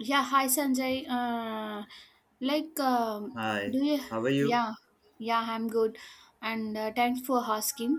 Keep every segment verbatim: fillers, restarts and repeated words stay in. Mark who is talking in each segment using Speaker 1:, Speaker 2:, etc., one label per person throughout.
Speaker 1: Yeah, hi Sanjay. Uh, like, um,
Speaker 2: Hi,
Speaker 1: do you?
Speaker 2: how are you?
Speaker 1: Yeah, yeah, I'm good, and uh, thanks for asking.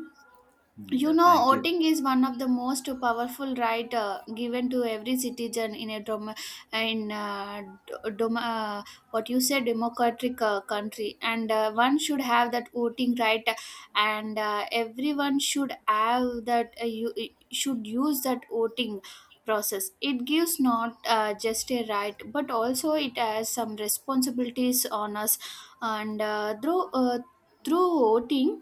Speaker 2: Mm,
Speaker 1: You
Speaker 2: yeah,
Speaker 1: know,
Speaker 2: thank you.
Speaker 1: voting is one of the most powerful right uh, given to every citizen in a dom- in uh, d- dom- uh, what you say democratic uh, country, and uh, one should have that voting right. And uh, everyone should have that uh, you should use that voting process. It gives not uh, just a right, but also it has some responsibilities on us. And uh, through uh, through voting,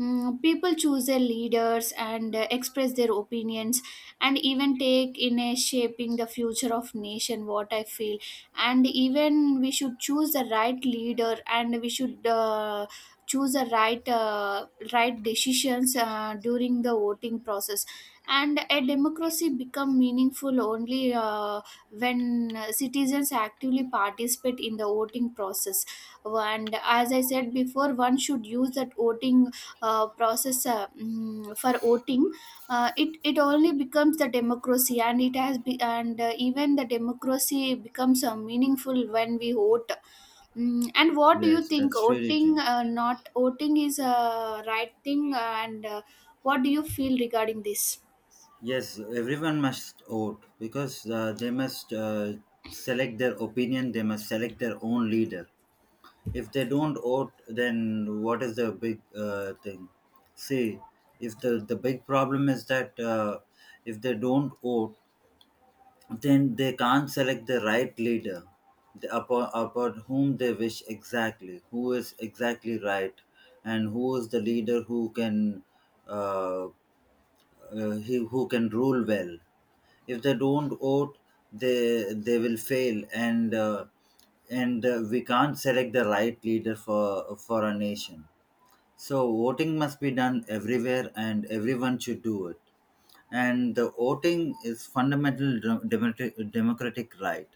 Speaker 1: Mm, people choose their leaders and uh, express their opinions, and even take in a shaping the future of nation, what I feel. And even we should choose the right leader, and we should uh, choose the right uh, right decisions uh, during the voting process. And a democracy become meaningful only uh, when uh, citizens actively participate in the voting process. And as I said before, one should use that voting uh, process uh, mm, for voting. uh, it it only becomes the democracy, and it has be, and uh, even the democracy becomes uh, meaningful when we vote. Mm, and what do you
Speaker 2: Yes,
Speaker 1: think,
Speaker 2: that's really
Speaker 1: voting
Speaker 2: true.
Speaker 1: uh, not voting is a right thing, and uh, what do you feel regarding this?
Speaker 2: Yes, everyone must vote because uh, they must uh, select their opinion, they must select their own leader. If they don't vote, then what is the big uh, thing? See, if the, the big problem is that, uh, if they don't vote, then they can't select the right leader the- upon, upon whom they wish exactly, who is exactly right, and who is the leader who can, uh, uh, he, who can rule well. If they don't vote, they they will fail, and uh, and uh, we can't select the right leader for for a nation. So voting must be done everywhere, and everyone should do it. And the voting is fundamental dem- democratic democratic right,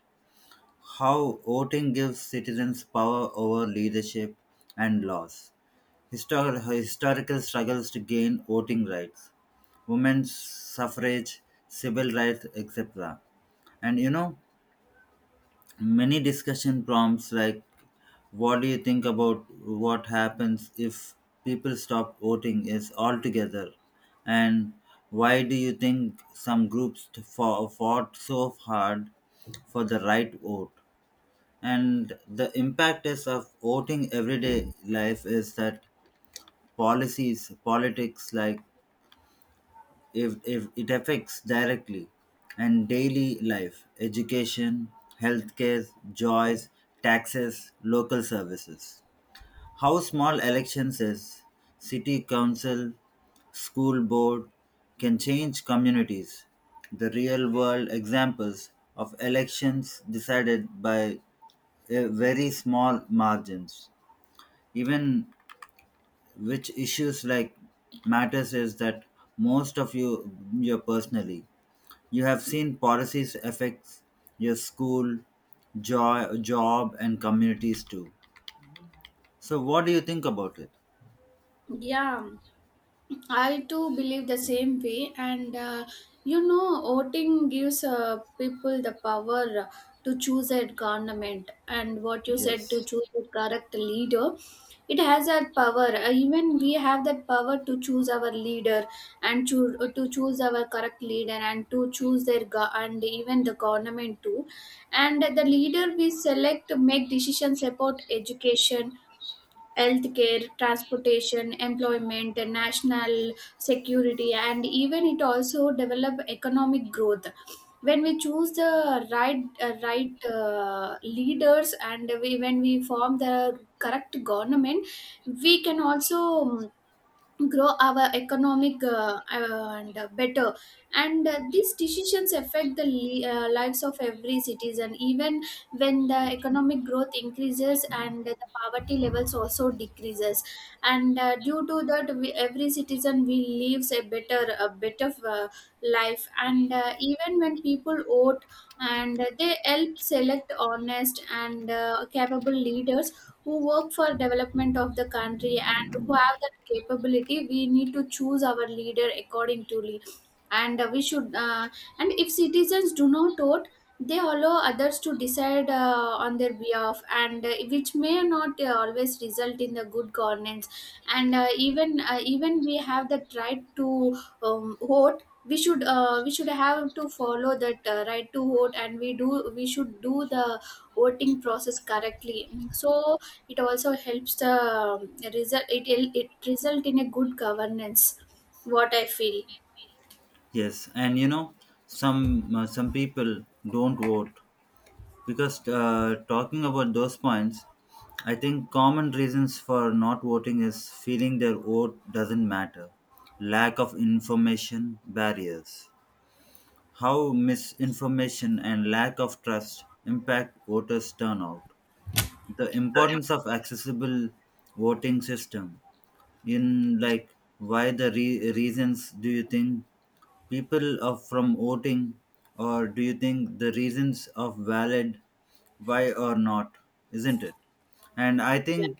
Speaker 2: how voting gives citizens power over leadership and laws. Histor- historical struggles to gain voting rights, women's suffrage, civil rights, et cetera. And you know, many discussion prompts, like what do you think about what happens if people stop voting is altogether, and why do you think some groups t- fo- fought so hard for the right vote, and the impact is of voting everyday life is that policies politics, like if, if it affects directly, and daily life, education, healthcare, joys, taxes, local services, how small elections is, city council, school board, can change communities, the real world examples of elections decided by uh, very small margins, even which issues like matters is that most of you you personally, you have seen policies affects your school, jo- job, and communities too. So what do you think about it?
Speaker 1: Yeah, I too believe the same way, and uh, you know, voting gives uh, people the power to choose a government, and what you said, to
Speaker 2: Yes.
Speaker 1: choose the correct leader, it has that power. Uh, even we have that power to choose our leader, and choose to choose our correct leader, and to choose their go- and even the government too, and the leader we select to make decisions about education, healthcare, transportation, employment, and national security. And even it also develop economic growth. When we choose the right uh, right uh, leaders, and we when we form the correct government, we can also um, grow our economic uh, and uh, better. And uh, these decisions affect the li- uh, lives of every citizen, even when the economic growth increases and the poverty levels also decreases. And uh, due to that we, every citizen we lives a better a better uh, life. And uh, even when people vote, and they help select honest and uh, capable leaders, who work for development of the country and who have that capability, we need to choose our leader according to le- and uh, we should. Uh, and if citizens do not vote, they allow others to decide uh, on their behalf, and uh, which may not uh, always result in the good governance. And uh, even uh, even we have that right to um, vote. We should uh, we should have to follow that uh, right to vote, and we do we should do the voting process correctly, so it also helps the um, result. It it it result in a good governance, what I feel.
Speaker 2: yes and you know some uh, some people don't vote because, uh, talking about those points, I think common reasons for not voting is feeling their vote doesn't matter, lack of information barriers, how misinformation and lack of trust impact voters turnout, the importance of accessible voting system, in, like, why the re- reasons do you think people of from voting, or do you think the reasons of valid, why or not, isn't it? And I
Speaker 1: Yeah.
Speaker 2: think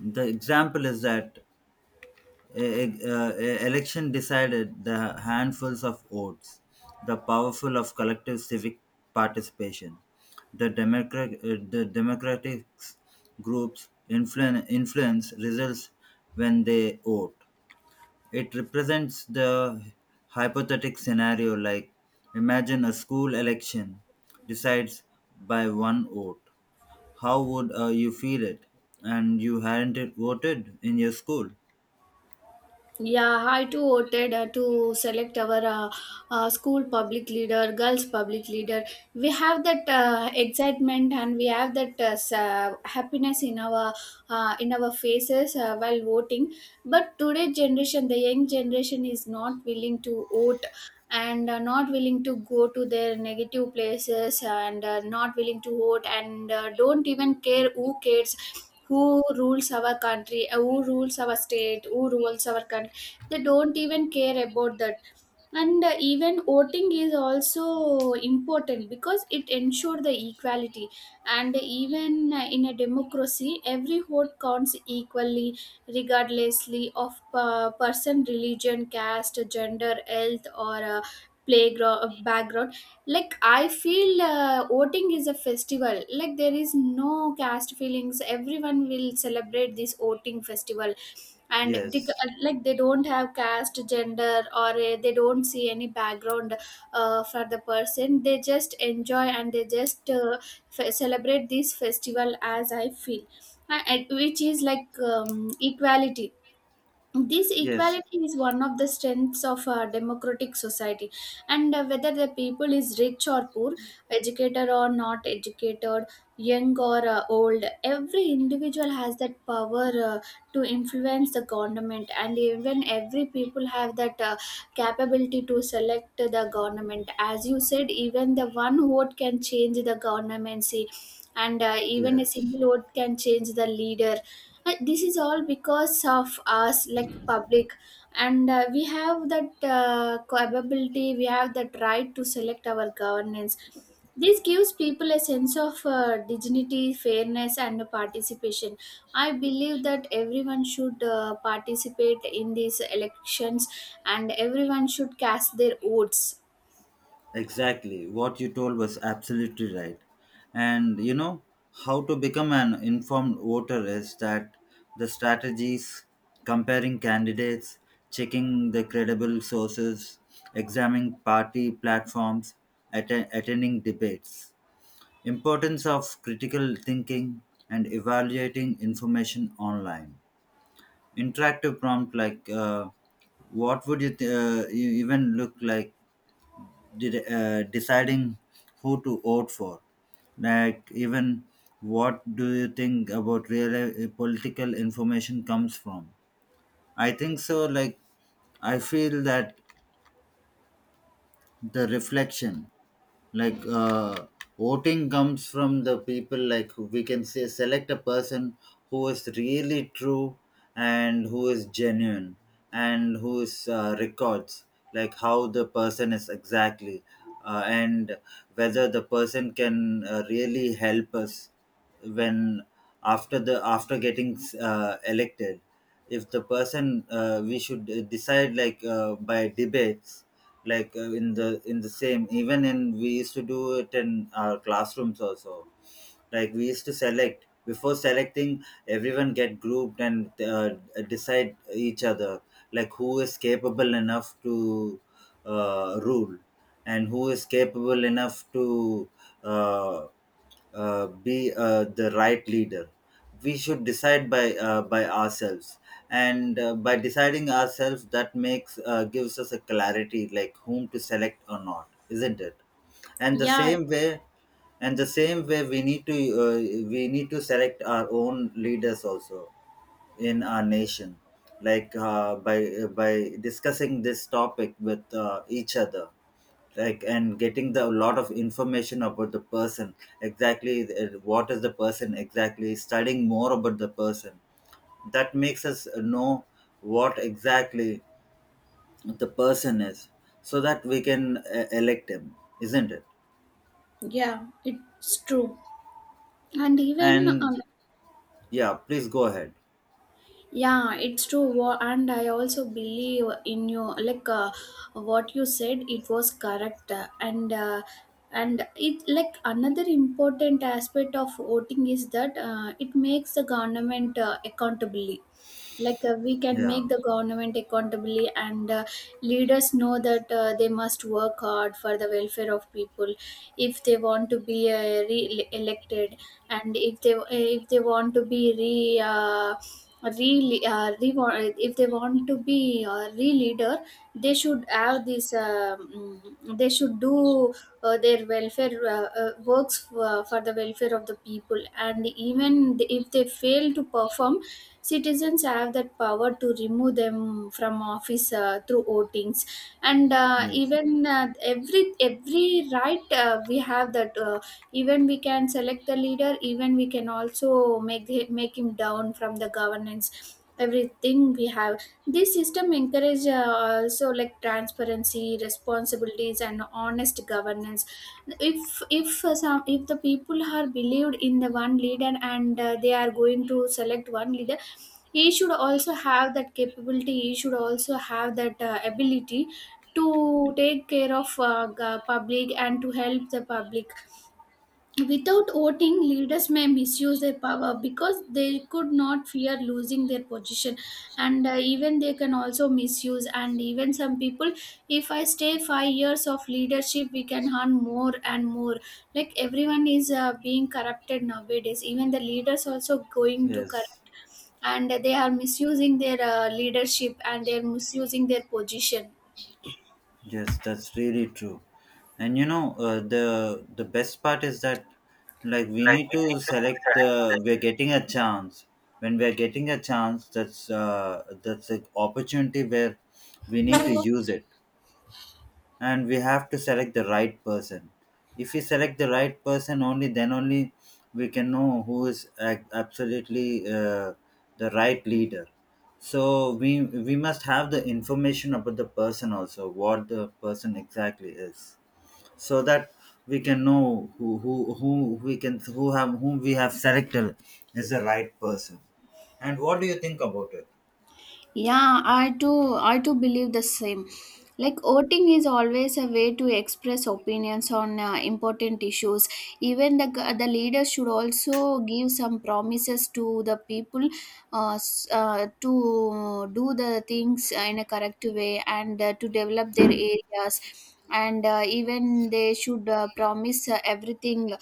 Speaker 2: the example is that a, a- a- election decided the handfuls of votes, the powerful of collective civic participation, the democrat uh, the democratic groups influen- influence results when they vote. It represents the hypothetical scenario, like imagine a school election decides by one vote. How would, uh, you feel it, and you hadn't voted in your school?
Speaker 1: Yeah, I too voted uh, to select our uh, uh, school public leader, girls public leader. We have that uh, excitement, and we have that uh, s- uh, happiness in our uh, in our faces uh, while voting. But today generation, the young generation, is not willing to vote, and uh, not willing to go to their negative places, and uh, not willing to vote, and uh, don't even care. Who cares who rules our country, uh, who rules our state, who rules our country? They don't even care about that. And uh, even voting is also important because it ensures the equality. And even uh, in a democracy every vote counts equally, regardlessly of uh, person, religion, caste, gender, health, or uh, playground, uh, background. Like, I feel uh, voting is a festival. Like, there is no caste feelings, everyone will celebrate this voting festival. And they,
Speaker 2: Yes,
Speaker 1: like, they don't have caste, gender, or uh, they don't see any background uh, for the person. They just enjoy, and they just uh, f- celebrate this festival, as I feel. Uh, and which is like um, equality. This
Speaker 2: yes,
Speaker 1: equality is one of the strengths of a democratic society, and uh, whether the people is rich or poor, educated or not educated, young or uh, old, every individual has that power uh, to influence the government. And even every people have that uh, capability to select the government. As you said, even the one vote can change the governmency, and uh, even a
Speaker 2: yes.
Speaker 1: single vote can change the leader. Uh, this is all because of us, like public. And uh, we have that uh, capability, we have that right to select our governance. This gives people a sense of uh, dignity, fairness, and participation. I believe that everyone should uh, participate in these elections, and everyone should cast their votes.
Speaker 2: Exactly. What you told was absolutely right. And you know, how to become an informed voter is that the strategies, comparing candidates, checking the credible sources, examining party platforms, atten- attending debates, importance of critical thinking, and evaluating information online. Interactive prompt, like, uh, what would you, th- uh, you even look like, de- uh, deciding who to vote for. Like, even, what do you think about real uh, political information comes from? I think so. Like, I feel that the reflection, like, uh, voting comes from the people, like we can say select a person who is really true and who is genuine, and whose uh, records, like how the person is exactly, uh, and whether the person can uh, really help us, when after the after getting uh, elected, if the person, uh, we should uh, decide, like, uh, by debates, like, uh, in the in the same, even in we used to do it in our classrooms also, like we used to select, before selecting everyone get grouped, and uh, decide each other, like who is capable enough to, uh, rule, and who is capable enough to uh, uh, be uh, the right leader. We should decide by, uh, by ourselves, and, uh, by deciding ourselves, that makes uh, gives us a clarity, like whom to select or not, isn't it? And the
Speaker 1: Yeah,
Speaker 2: same way, and the same way, we need to, uh, we need to select our own leaders also in our nation, like, uh, by by discussing this topic with, uh, each other, like, and getting the lot of information about the person exactly, uh, what is the person exactly, studying more about the person, that makes us know what exactly the person is, so that we can uh, elect him, isn't it?
Speaker 1: yeah, it's true. And even um,
Speaker 2: And yeah, please go ahead.
Speaker 1: yeah, it's true. Wha- and I also believe in you, like uh, what you said, it was correct. Uh, and uh, and it like another important aspect of voting is that uh, it makes the government uh, accountable. Like, uh, we can
Speaker 2: Yeah,
Speaker 1: make the government accountable. And uh, leaders know that uh, they must work hard for the welfare of people if they want to be uh, re-elected. And if they if they want to be re uh, re, uh, re if they want to be uh, re-leader. They should have this um, mm, they should do uh, their welfare uh, uh, works for, for the welfare of the people. And even if they fail to perform, citizens have that power to remove them from office uh, through votings. And uh,
Speaker 2: yes,
Speaker 1: even uh, every every right uh, we have that. Uh, even we can select the leader. Even we can also make hi- make him down from the governance. Everything we have. This system encourage uh, also like transparency, responsibilities, and honest governance. If if uh, some if the people are believed in the one leader, and uh, they are going to select one leader, he should also have that capability, he should also have that uh, ability to take care of uh, g- public and to help the public. Without voting, leaders may misuse their power because they could not fear losing their position, and uh, even they can also misuse. And even some people, if I stay five years of leadership, we can earn more and more. Like, everyone is uh, being corrupted nowadays. Even the leaders also going to
Speaker 2: yes.
Speaker 1: corrupt, and they are misusing their uh, leadership, and they are misusing their position.
Speaker 2: Yes, that's really true. And you know, uh, the the best part is that, like, we
Speaker 1: Like,
Speaker 2: need
Speaker 1: we need
Speaker 2: to
Speaker 1: to
Speaker 2: select, the
Speaker 1: select.
Speaker 2: we're getting a chance. When we're getting a chance, that's, uh, that's an opportunity where we need to use it, and we have to select the right person. If we select the right person, only then only we can know who is ac- absolutely, uh, the right leader. So we we must have the information about the person also, what the person exactly is, so that we can know who who who we can who have whom we have selected is the right person. And what do you think about it?
Speaker 1: Yeah, I too I too believe the same. Like, voting is always a way to express opinions on uh, important issues. Even the g- the leaders should also give some promises to the people, uh, s- uh, to do the things in a correct way, and uh, to develop their areas. And uh, even they should uh, promise uh, everything,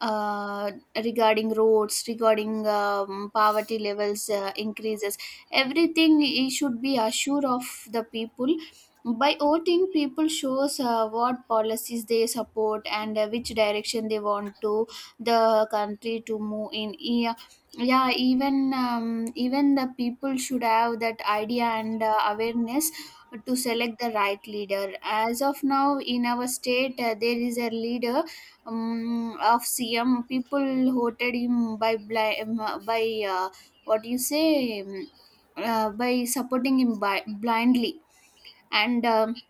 Speaker 1: uh, regarding roads, regarding um, poverty levels uh, increases. Everything he should be assured of the people. By voting, people shows uh, what policies they support, and uh, which direction they want to the country to move in. Yeah, yeah, even um, even the people should have that idea and uh, awareness to select the right leader. As of now in our state, uh, there is a leader, um, of cm. People voted him by bli- um, by uh, what do you say, um, uh, by supporting him bi- blindly. And um,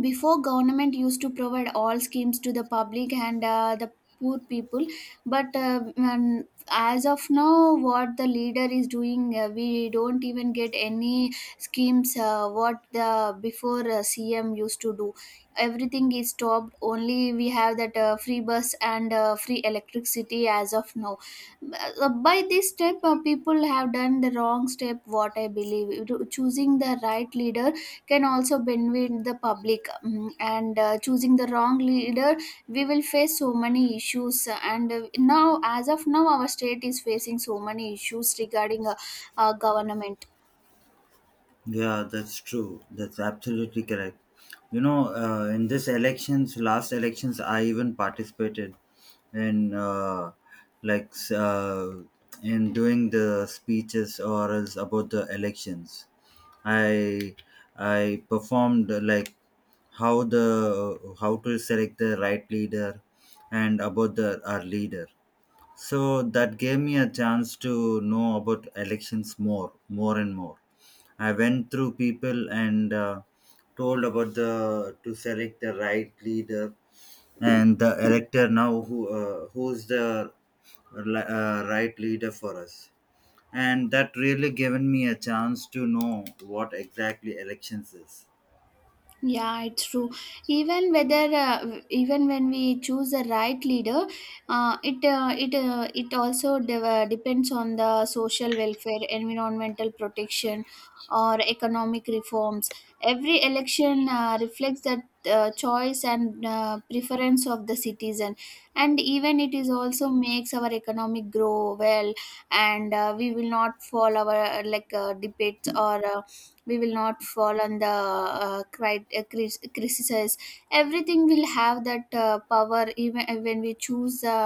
Speaker 1: before, government used to provide all schemes to the public and uh, the poor people. But uh, um, as of now, what the leader is doing, uh, we don't even get any schemes uh, what the before uh, C M used to do. Everything is stopped. Only we have that uh, free bus and uh, free electricity as of now. Uh, by this step, uh, people have done the wrong step, what I believe. Choosing the right leader can also benefit the public. Mm, And uh, choosing the wrong leader, we will face so many issues. And uh, now, as of now, our state is facing so many issues regarding uh, uh, government.
Speaker 2: Yeah, that's true. That's absolutely correct. You know, uh, in this elections, last elections, I even participated in, uh, like s- uh, in doing the speeches or else about the elections. I I performed, uh, like how the how to select the right leader, and about the our leader. So that gave me a chance to know about elections more, more and more. I went through people, and uh, told about the to select the right leader, and the elector now, who, uh, who's the li- uh, right leader for us. And that really given me a chance to know what exactly elections is.
Speaker 1: Yeah, it's true. Even whether uh, w- even when we choose the right leader, uh, it uh, it uh, it also de- uh, depends on the social welfare, environmental protection, or economic reforms. Every election uh, reflects the uh, choice and uh, preference of the citizen, and even it is also makes our economic grow well, and uh, we will not fall our uh, like uh, debates or. Uh, we will not fall on the uh, cri- uh, cri- criticism. Everything will have that uh, power, even when we choose the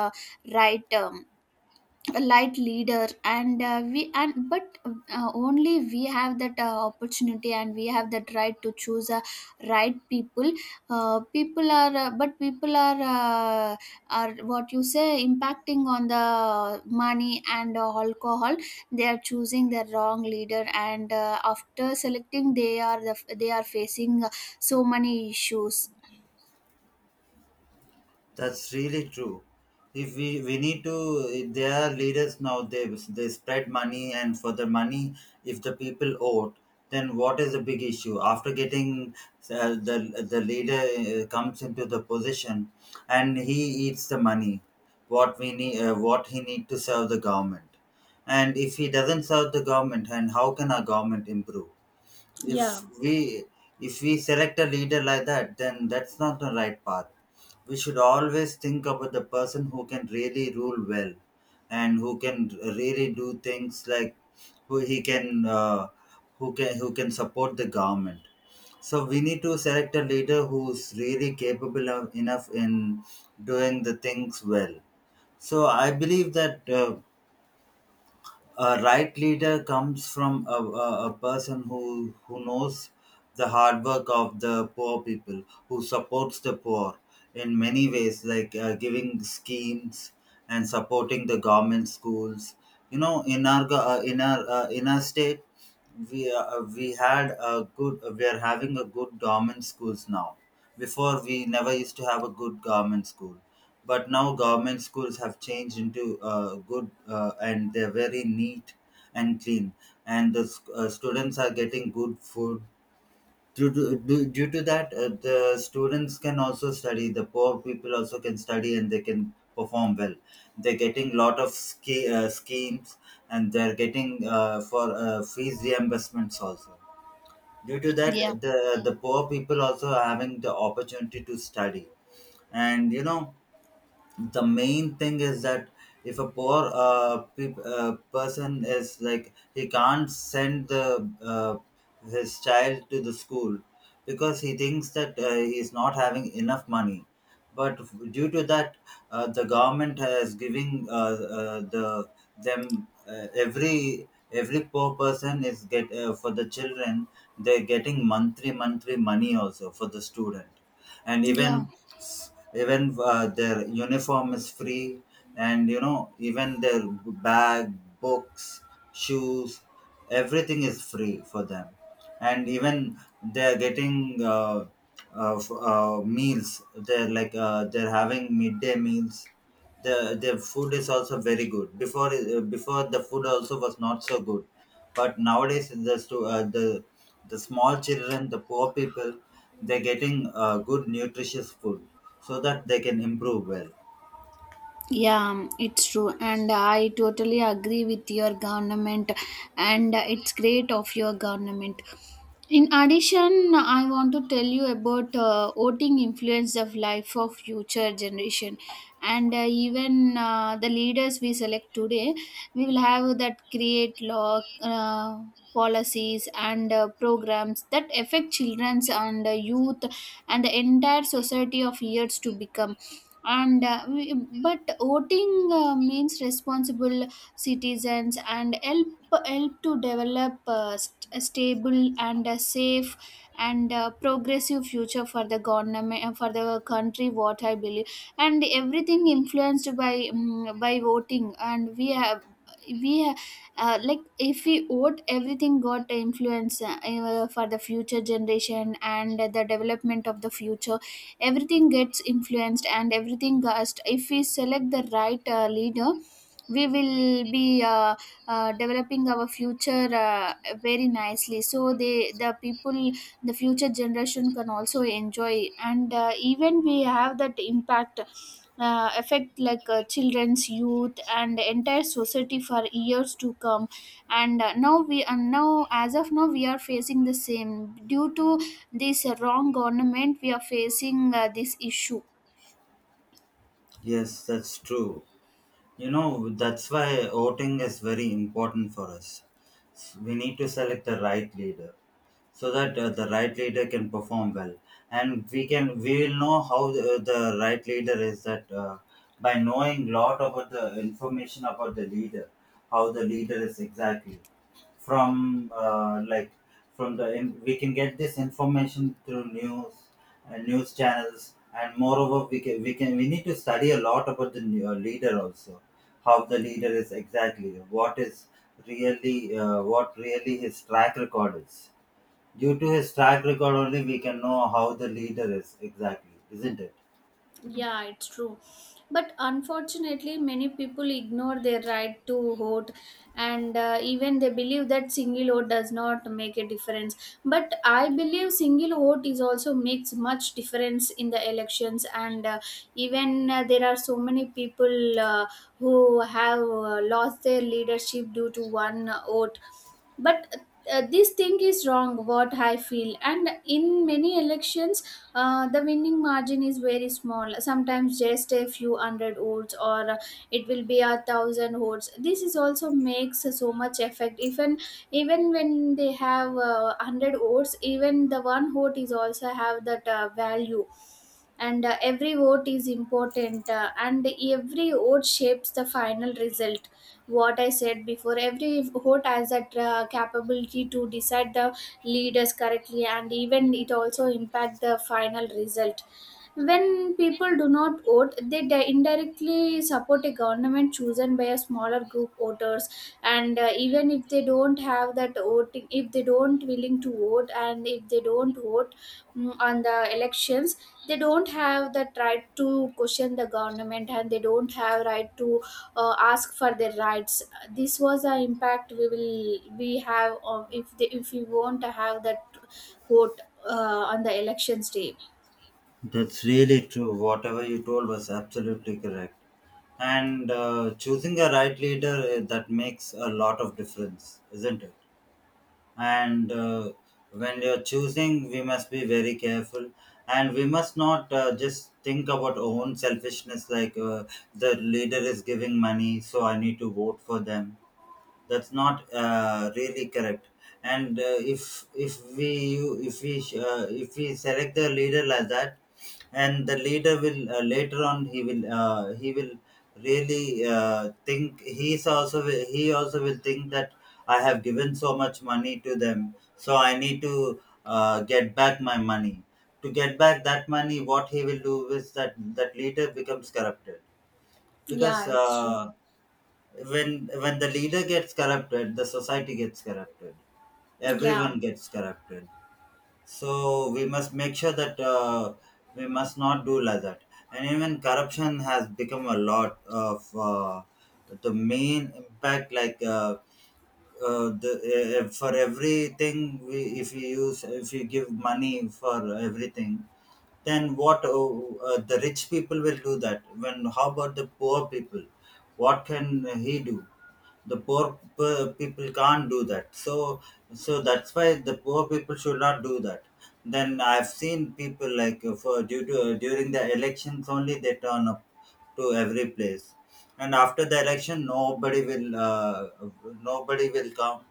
Speaker 1: right um, a light leader, and uh, we and but uh, only we have that uh, opportunity, and we have that right to choose a right people. uh, people are uh, but People are uh, are what you say, impacting on the money and uh, alcohol. They are choosing the wrong leader, and uh, after selecting, they are the, they are facing uh, so many issues.
Speaker 2: That's really true. If we, we need to, they are leaders now. They they spread money, and for the money, if the people vote, then what is the big issue? After getting, uh, the the leader, uh, comes into the position, and he eats the money, what we need, uh, what he need to serve the government, and if he doesn't serve the government, and how can our government improve? If we if we select a leader like that, then that's not the right path. We should always think about the person who can really rule well, and who can really do things, like who he can uh, who can who can support the government. So we need to select a leader who's really capable of, enough in doing the things well. So I believe that, uh, a right leader comes from a, a, a person who who knows the hard work of the poor people, who supports the poor in many ways, like, uh, giving schemes and supporting the government schools. You know in our go- uh, in our uh, in our state, we, uh, we had a good we are having a good government schools now. Before, we never used to have a good government school, but now government schools have changed into, uh, good, uh, and they're very neat and clean. And the s- uh, students are getting good food. Due to, due, due to that, uh, the students can also study, the poor people also can study, and they can perform well. They're getting lot of ski, uh, schemes, and they're getting, uh, for, uh, fees reimbursements also. Due to that,
Speaker 1: Yeah,
Speaker 2: the the poor people also are having the opportunity to study. And you know the main thing is that, if a poor uh, pe uh, person is, like, he can't send the uh, his child to the school, because he thinks that, uh, he is not having enough money. But due to that, uh, the government has giving, uh, uh, the them, uh, every every poor person is get, uh, for the children, they're getting monthly monthly money also for the student. And
Speaker 1: yeah.
Speaker 2: even, even uh, their uniform is free. And you know even their bag, books, shoes, everything is free for them. And even they are getting, uh, uh, f- uh, meals, they're, like uh, they're having midday meals. the their food is also very good. Before uh, before the food also was not so good, but nowadays the stu- uh, the the small children, the poor people, they're getting, uh, good nutritious food, so that they can improve well.
Speaker 1: Yeah, it's true, and I totally agree with your government, and it's great of your government. In addition, I want to tell you about uh, voting influence of life of future generation, and uh, even uh, the leaders we select today, we will have that create law. Uh, policies and uh, programs that affect children's and uh, youth and the entire society of years to become, and uh, we, but voting uh, means responsible citizens and help help to develop uh, st- a stable and a safe and uh, progressive future for the government, uh, for the country, what I believe. And everything influenced by mm by voting, and we have we ha- uh, like if we vote, everything got influence, uh, for the future generation and the development of the future. Everything gets influenced, and everything gets, if we select the right uh, leader, we will be uh, uh, developing our future uh, very nicely, so they, the people, the future generation, can also enjoy. And uh, even we have that impact, uh, affect, like uh, children's, youth, and entire society for years to come. And uh, now we and now, as of now, we are facing the same due to this wrong government. We are facing uh, this issue.
Speaker 2: Yes, that's true. You know that's why voting is very important for us. We need to select the right leader, so that uh, the right leader can perform well, and we can we will know how uh, the right leader is, that uh, by knowing lot about the information about the leader, how the leader is exactly, from uh, like from the in, we can get this information through news and news channels, and moreover we can we can we need to study a lot about the new- uh, leader also, how the leader is exactly, what is really uh, what really his track record is. Due to his track record only, we can know how the leader is exactly, isn't it?
Speaker 1: Yeah, it's true. But unfortunately, many people ignore their right to vote, and uh, even they believe that single vote does not make a difference. But I believe single vote is also makes much difference in the elections, and uh, even uh, there are so many people uh, who have uh, lost their leadership due to one vote, but uh, this thing is wrong, what I feel. And in many elections, uh, the winning margin is very small, sometimes just a few hundred votes, or uh, it will be a thousand votes. This is also makes so much effect, even even when they have uh, one hundred votes, even the one vote is also have that uh, value. And uh, every vote is important, uh, and every vote shapes the final result, what I said before. Every vote has that uh, capability to decide the leaders correctly, and even it also impact the final result. When people do not vote, they di- indirectly support a government chosen by a smaller group voters. And uh, even if they don't have that voting, if they don't willing to vote, and if they don't vote mm, on the elections, they don't have that right to question the government, and they don't have right to uh, ask for their rights. This was the impact we will we have of if they, if we want to have that vote, uh, on the elections day.
Speaker 2: That's really true. Whatever you told was absolutely correct. And uh, Choosing a right leader, eh, that makes a lot of difference, isn't it? And uh, When you're choosing, we must be very careful, and we must not uh, just think about our own selfishness. Like uh, the leader is giving money, so I need to vote for them. That's not uh, really correct. And uh, if if we you- if we uh, if we select the leader like that, and the leader will, uh, later on, he will uh, he will really uh, think, he's also will- he also will think that I have given so much money to them, so I need to uh, get back my money. To get back that money, what he will do is that that leader becomes corrupted. because
Speaker 1: Yeah, it's
Speaker 2: uh,
Speaker 1: true.
Speaker 2: when when the leader gets corrupted, the society gets corrupted,
Speaker 1: Yeah.
Speaker 2: everyone gets corrupted. So we must make sure that uh, we must not do like that. And even corruption has become a lot of uh, the main impact. Like uh, uh, the, uh, for everything we, if you use if you give money for everything, then what uh, uh, the rich people will do that. When how about the poor people, what can he do? The poor p- people can't do that. So so that's why the poor people should not do that. Then I've seen people, like uh, for due to uh, during the elections only they turn up to every place, and after the election nobody will uh, nobody will come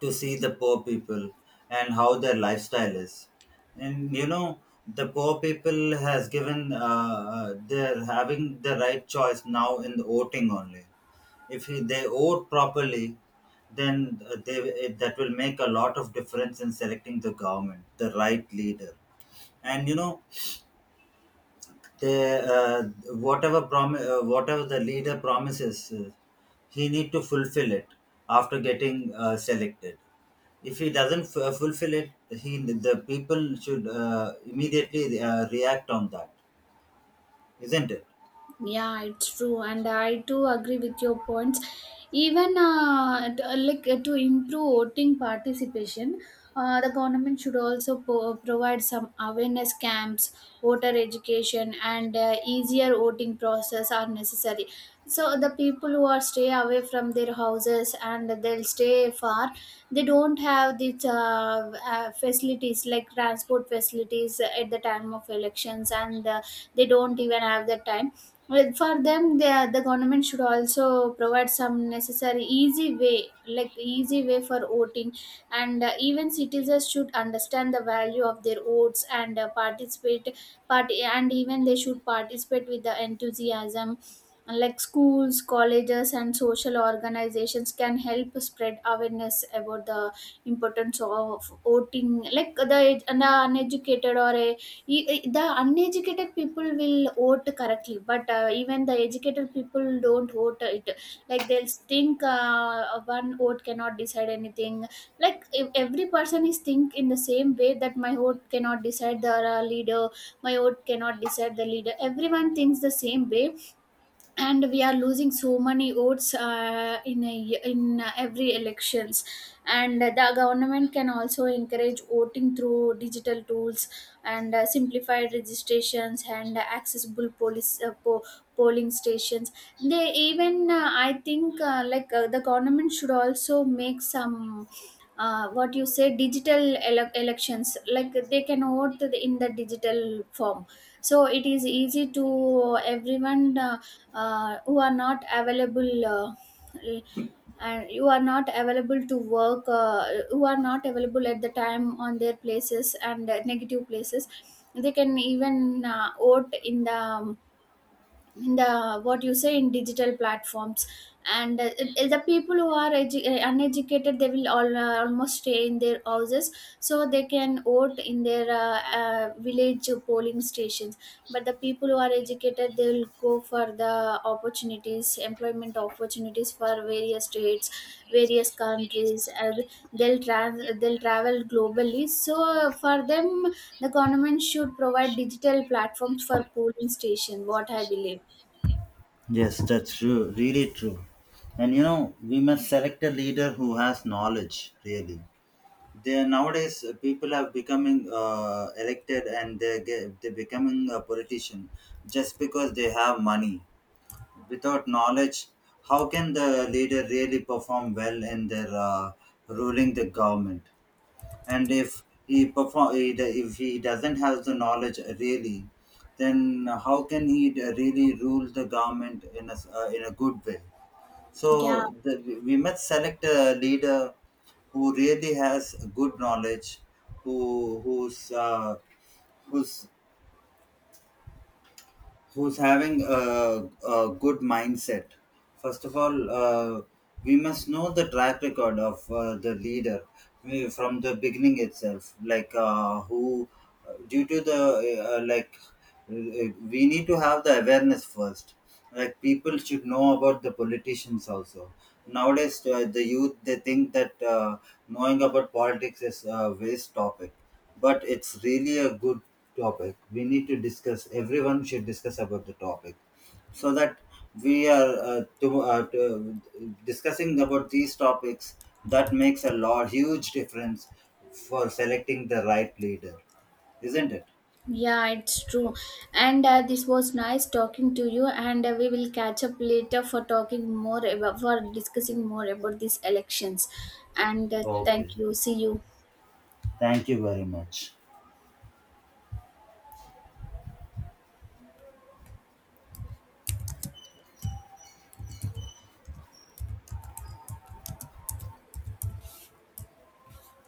Speaker 2: to see the poor people and how their lifestyle is. And you know, the poor people has given, uh, uh, they're having the right choice now in the voting only. If he, they owe properly, then uh, they it, that will make a lot of difference in selecting the government, the right leader. And you know, they, uh, whatever promi- uh, whatever the leader promises, uh, he need to fulfill it after getting uh, selected. If he doesn't f- uh, fulfill it, he the people should uh, immediately uh, react on that, isn't it?
Speaker 1: Yeah, it's true, and I too agree with your points. Even uh, t- uh, like uh, to improve voting participation, uh, the government should also po- uh, provide some awareness camps, voter education, and uh, easier voting process are necessary. So the people who are stay away from their houses and they'll stay far, they don't have these uh, uh, facilities like transport facilities at the time of elections, and uh, they don't even have the time. Well, for them, the the government should also provide some necessary easy way, like easy way for voting, and uh, even citizens should understand the value of their votes and uh, participate. Part, and even they should participate with the enthusiasm. Like schools, colleges, and social organizations can help spread awareness about the importance of voting. Like the, the uneducated, or a E e the uneducated people will vote correctly, but uh, even the educated people don't vote it. Like they'll think uh, one vote cannot decide anything. Like if every person is think in the same way that my vote cannot decide the uh, leader, my vote cannot decide the leader. Everyone thinks the same way, and we are losing so many votes uh, in a, y- in uh, every elections. And the government can also encourage voting through digital tools and uh, simplified registrations and accessible police uh, po- polling stations. They even uh, I think uh, like uh, the government should also make some uh, what you say digital ele- elections, like they can vote in the digital form, so it is easy to everyone, uh, uh, who are not available, uh, and you are not available to work, uh, who are not available at the time on their places, and uh, negative places. They can even uh, vote in the um, in the what you say, in digital platforms. And uh, uh, the people who are edu- uh, uneducated, they will all uh, almost stay in their houses, so they can vote in their uh, uh, village polling stations. But the people who are educated, they will go for the opportunities, employment opportunities, for various states, various countries. Uh, they'll trans they'll travel globally, so uh, for them, the government should provide digital platforms for polling station, what I believe.
Speaker 2: Yes, that's true. Really true. And you know, we must select a leader who has knowledge, really. They nowadays uh, people are becoming uh, elected and they get, they becoming a politician just because they have money, without knowledge. How can the leader really perform well in their uh, ruling the government? And if he perform he do- if he doesn't have the knowledge really, then how can he d- really rule the government in a s- uh, in a good way? so
Speaker 1: Yeah,
Speaker 2: the, we must select a leader who really has good knowledge, who who's uh, who's who's having a, a good mindset. First of all, uh, we must know the track record of uh, the leader, we, from the beginning itself. Like uh, who, due to the uh, like, uh, We need to have the awareness first, that people should know about the politicians also. Nowadays uh, the youth they think that uh, knowing about politics is a waste topic, but it's really a good topic. We need to discuss, everyone should discuss about the topic, so that we are uh, to, uh, to discussing about these topics, that makes a lot huge difference for selecting the right leader, isn't it?
Speaker 1: yeah, it's true. And uh, this was nice talking to you. And uh, we will catch up later for talking more about, for discussing more about these elections. And uh,
Speaker 2: Okay.
Speaker 1: thank you. See you.
Speaker 2: Thank you very much.